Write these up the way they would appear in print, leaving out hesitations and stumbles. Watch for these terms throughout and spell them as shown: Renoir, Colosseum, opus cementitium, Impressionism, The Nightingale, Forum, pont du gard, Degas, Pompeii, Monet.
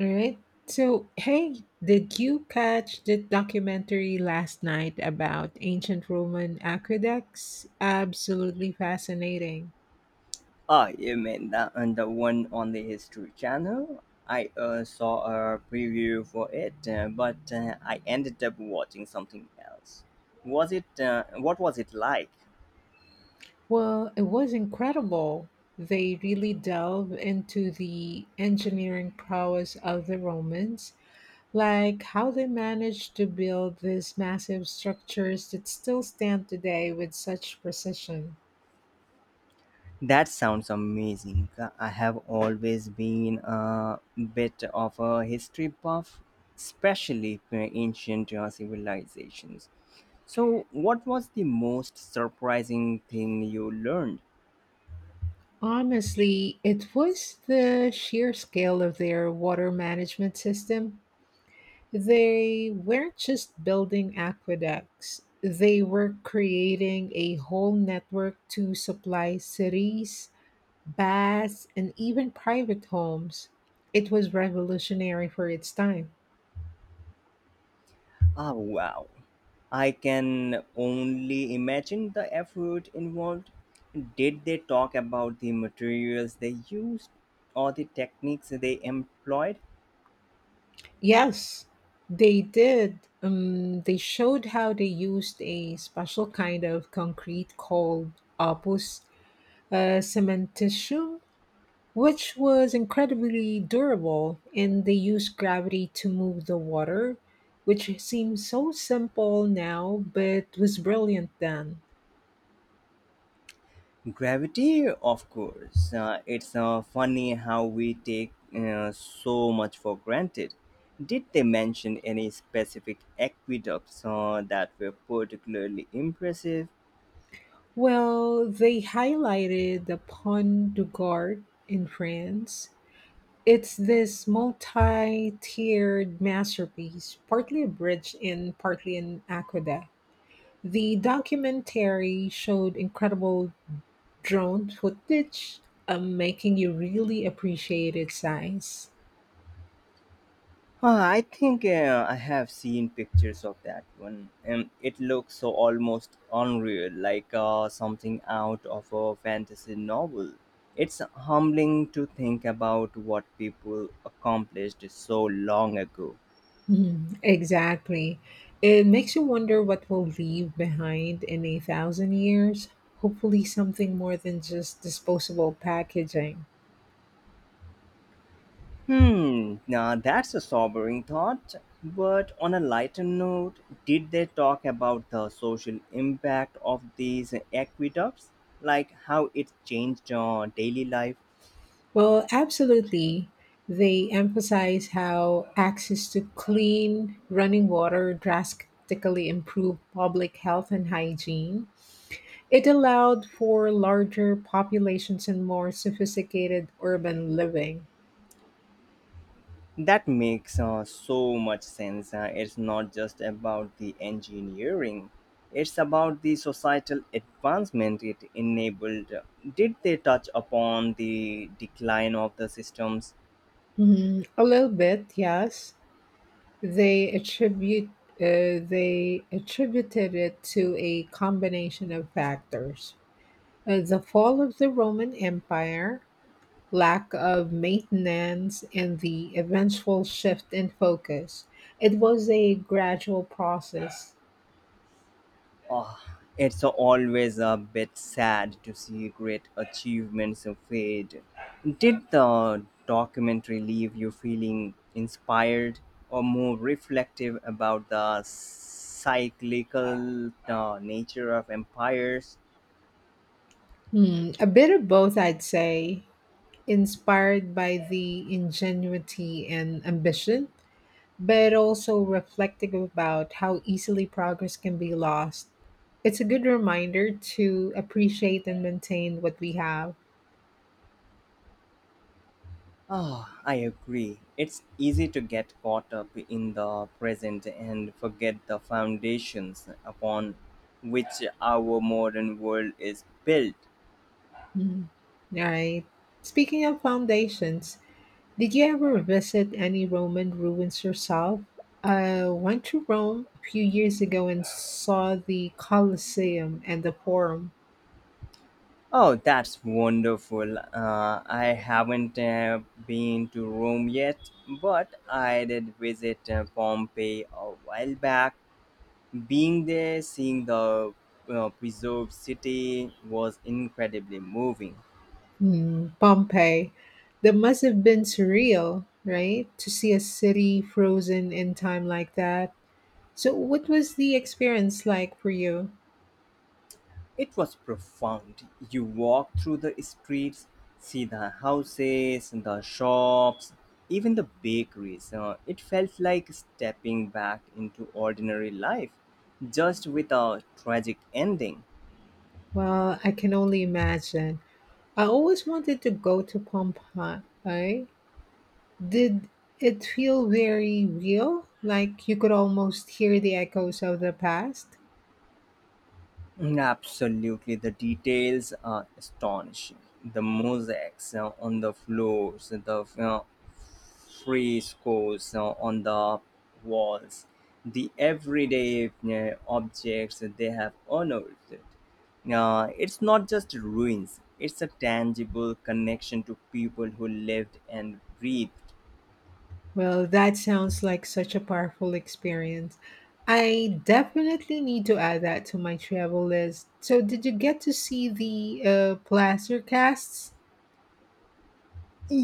All right. So, hey, did you catch the documentary last night about ancient Roman aqueducts? Absolutely fascinating. Ah, you mean that and the one on the History Channel? I saw a preview for it, but I ended up watching something else. Was it? What was it like? Well, it was incredible. They really delve into the engineering prowess of the Romans, like how they managed to build these massive structures that still stand today with such precision. That sounds amazing. I have always been a bit of a history buff, especially for ancient civilizations. So, what was the most surprising thing you learned? Honestly, it was the sheer scale of their water management system. They weren't just building aqueducts, they were creating a whole network to supply cities, baths, and even private homes. It was revolutionary for its time. Ah, wow. I can only imagine the effort involved. Did they talk about the materials they used or the techniques they employed? Yes, they did. They showed how they used a special kind of concrete called opus cementitium, which was incredibly durable, and they used gravity to move the water, which seems so simple now but was brilliant then. Gravity, of course. It's funny how we take so much for granted. Did they mention any specific aqueducts that were particularly impressive? Well, they highlighted the Pont du Gard in France. It's this multi-tiered masterpiece, partly a bridge and partly an aqueduct. The documentary showed incredible drone footage, making you really appreciated science. Huh, I think I have seen pictures of that one, and it looks so almost unreal, like something out of a fantasy novel. It's humbling to think about what people accomplished so long ago. Mhm, exactly. It makes you wonder what we'll leave behind in a thousand years. Hopefully, something more than just disposable packaging. Hmm, now that's a sobering thought. But on a lighter note, did they talk about the social impact of these aqueducts? Like how it changed daily life? Well, absolutely. They emphasize how access to clean running water drastically improved public health and hygiene. It allowed for larger populations and more sophisticated urban living. That makes so much sense. It's not just about the engineering, it's about the societal advancement it enabled. Did they touch upon the decline of the systems? Mm, a little bit, yes. They attribute they attributed it to a combination of factors: the fall of the Roman Empire, lack of maintenance, and the eventual shift in focus. It was a gradual process. Oh, it's always a bit sad to see great achievements fade. Did the documentary leave you feeling inspired or more reflective about the cyclical nature of empires? Hmm, a bit of both, I'd say. Inspired by the ingenuity and ambition, but also reflecting about how easily progress can be lost. It's a good reminder to appreciate and maintain what we have. Ah, I agree. It's easy to get caught up in the present and forget the foundations upon which our modern world is built. Mm. All right. Speaking of foundations, did you ever visit any Roman ruins yourself? I went to Rome a few years ago and saw the Colosseum and the Forum. Oh, that's wonderful. I haven't been to Rome yet, but I did visit Pompeii a while back. Being there, seeing the preserved city was incredibly moving. Hmm, Pompeii. That must have been surreal, right? To see a city frozen in time like that. So, what was the experience like for you? It was profound. You walk through the streets, see the houses, the shops, even the bakeries. It felt like stepping back into ordinary life, just with a tragic ending. Well, I can only imagine. I always wanted to go to Pompeii, right? Did it feel very real? Like you could almost hear the echoes of the past? Absolutely, the details are astonishing. The mosaics on the floors, the frescoes on the walls, the everyday objects that they have honored. It's not just ruins, it's a tangible connection to people who lived and breathed. Well, that sounds like such a powerful experience. I definitely need to add that to my travel list. So, did you get to see the plaster casts?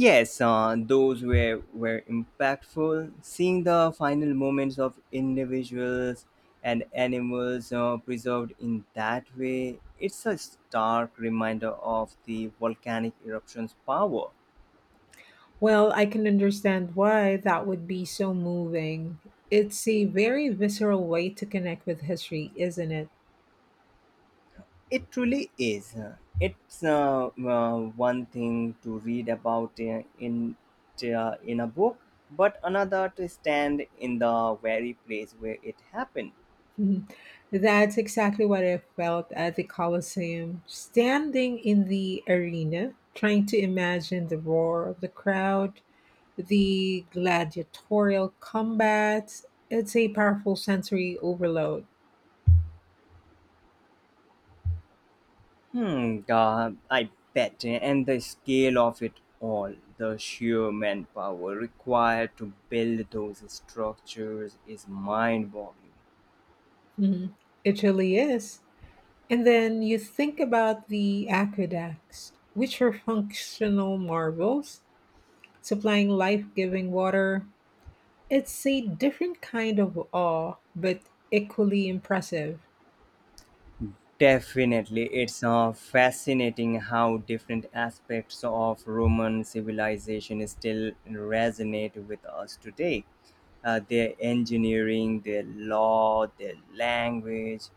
Yes, those were impactful. Seeing the final moments of individuals and animals preserved in that way, it's a stark reminder of the volcanic eruption's power. Well, I can understand why that would be so moving. It's a very visceral way to connect with history, isn't it? It truly is. It's one thing to read about in a book, but another to stand in the very place where it happened. Mhm. That's exactly what I felt at the Colosseum, standing in the arena, trying to imagine the roar of the crowd, the gladiatorial combat. It's a powerful sensory overload. Hmm, I bet. And the scale of it all, the sheer manpower required to build those structures is mind boggling. Mhm. It really is. And then you think about the aqueducts, which are functional marvels, supplying life giving water. It's a different kind of awe, but equally impressive. Definitely, it's fascinating how different aspects of Roman civilization still resonate with us today. Their engineering, their law, their language.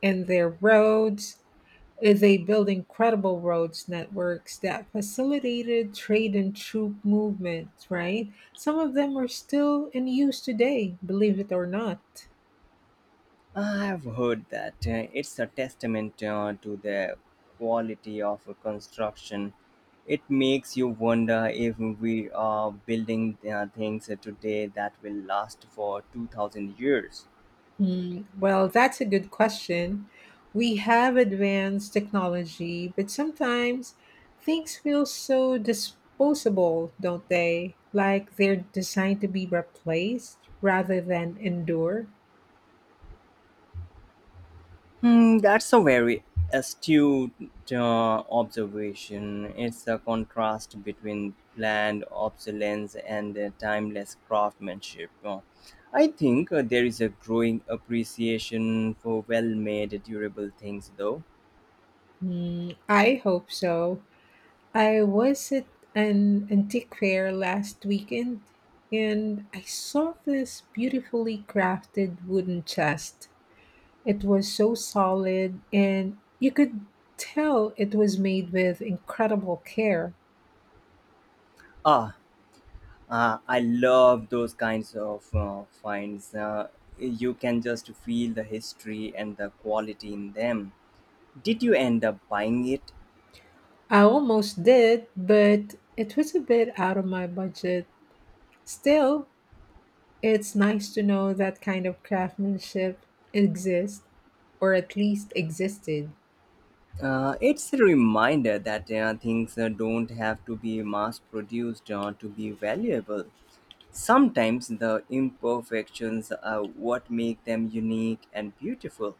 And their roads. They built incredible roads networks that facilitated trade and troop movements, right? Some of them are still in use today, believe it or not. I've heard that it's a testament to the quality of a construction. It makes you wonder if we are building things today that will last for 2000 years. Hmm. Well, that's a good question. We have advanced technology, but sometimes things feel so disposable, don't they? Like they're designed to be replaced rather than endure. Hmm, that's a very astute observation. It's a contrast between planned obsolescence and timeless craftsmanship. I think there is a growing appreciation for well made, durable things, though. Hmm, I hope so. I was at an antique fair last weekend and I saw this beautifully crafted wooden chest. It was so solid and you could tell it was made with incredible care. Ah, I love those kinds of finds. You can just feel the history and the quality in them. Did you end up buying it? I almost did, but it was a bit out of my budget. Still, it's nice to know that kind of craftsmanship exists, or at least existed. It's a reminder that things don't have to be mass produced to be valuable. Sometimes the imperfections are what make them unique and beautiful.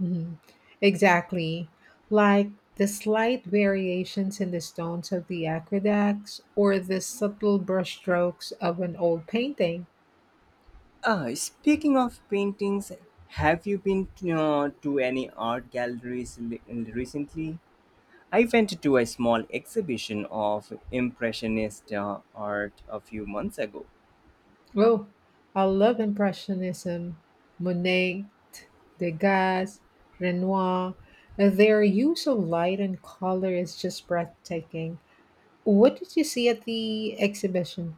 Mm. Exactly. Like the slight variations in the stones of the aqueducts or the subtle brushstrokes of an old painting. Speaking of paintings, have you been to any art galleries recently? I went to a small exhibition of Impressionist art a few months ago. Oh, I love Impressionism. Monet, Degas, Renoir. Their use of light and color is just breathtaking. What did you see at the exhibition?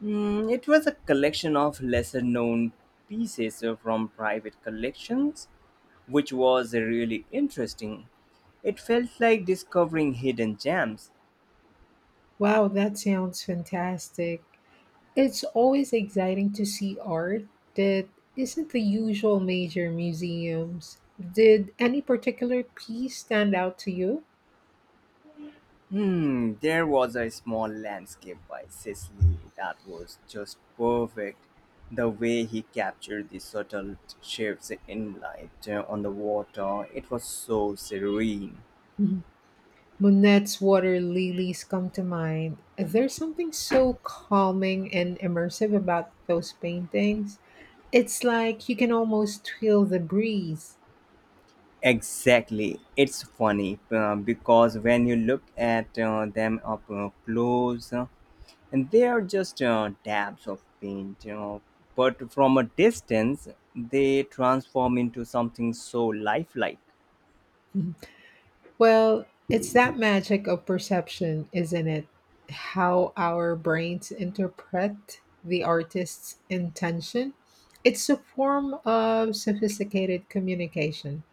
Mm, it was a collection of lesser known pieces from private collections, which was really interesting. It felt like discovering hidden gems. Wow, that sounds fantastic. It's always exciting to see art that isn't the usual major museums. Did any particular piece stand out to you? Hmm, there was a small landscape by Cicely that was just perfect. The way he captured the subtle shapes in light on the water, it was so serene. Mhm. Monet's water lilies come to mind. There's something so calming and immersive about those paintings. It's like you can almost feel the breeze. Exactly. It's funny because when you look at them up close, and they are just dabs of paint, you know. But from a distance, they transform into something so lifelike. Well, it's that magic of perception, isn't it? How our brains interpret the artist's intention. It's a form of sophisticated communication.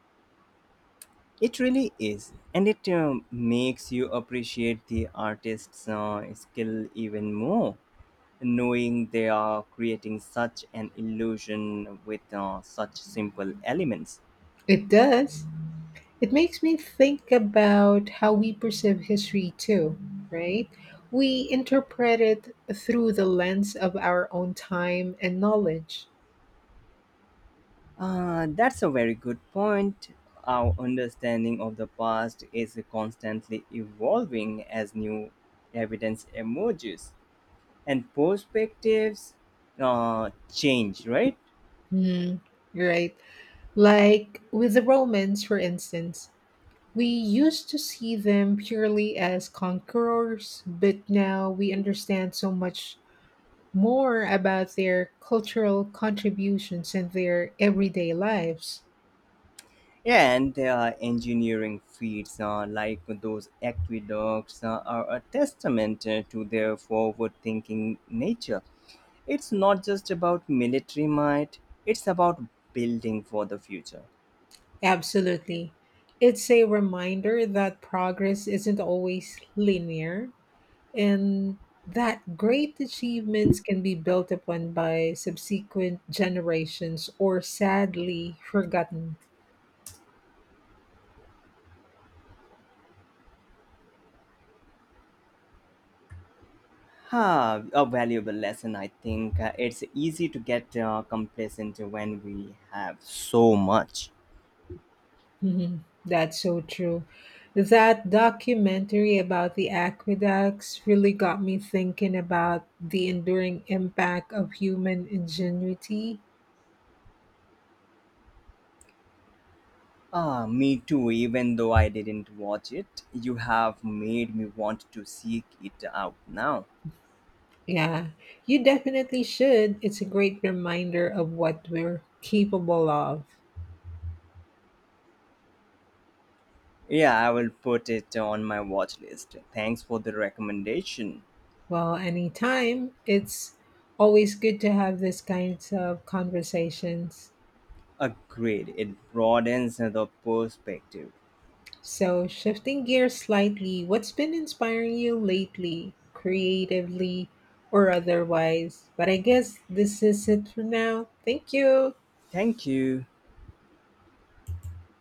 It really is, and it makes you appreciate the artist's skill even more, knowing they are creating such an illusion with such simple elements. It does. It makes me think about how we perceive history too, right? We interpret it through the lens of our own time and knowledge. That's a very good point. Our understanding of the past is constantly evolving as new evidence emerges and perspectives change, right? Hmm. Right. Like with the Romans, for instance, we used to see them purely as conquerors, but now we understand so much more about their cultural contributions and their everyday lives. And there engineering feats like those aqueducts are a testament to their forward thinking nature. It's not just about military might, it's about building for the future. Absolutely. It's a reminder that progress isn't always linear and that great achievements can be built upon by subsequent generations or sadly forgotten. Ah, a valuable lesson. I think it's easy to get complacent when we have so much. Mhm. That's so true. That documentary about the aqueducts really got me thinking about the enduring impact of human ingenuity. Ah, me too. Even though I didn't watch it, you have made me want to seek it out now. Yeah, you definitely should. It's a great reminder of what we're capable of. Yeah, I will put it on my watch list. Thanks for the recommendation. Well, anytime. It's always good to have this kinds of conversations. Agreed. It broadens the perspective. So, shifting gears slightly, what's been inspiring you lately, creatively or otherwise? But I guess this is it for now. Thank you. Thank you.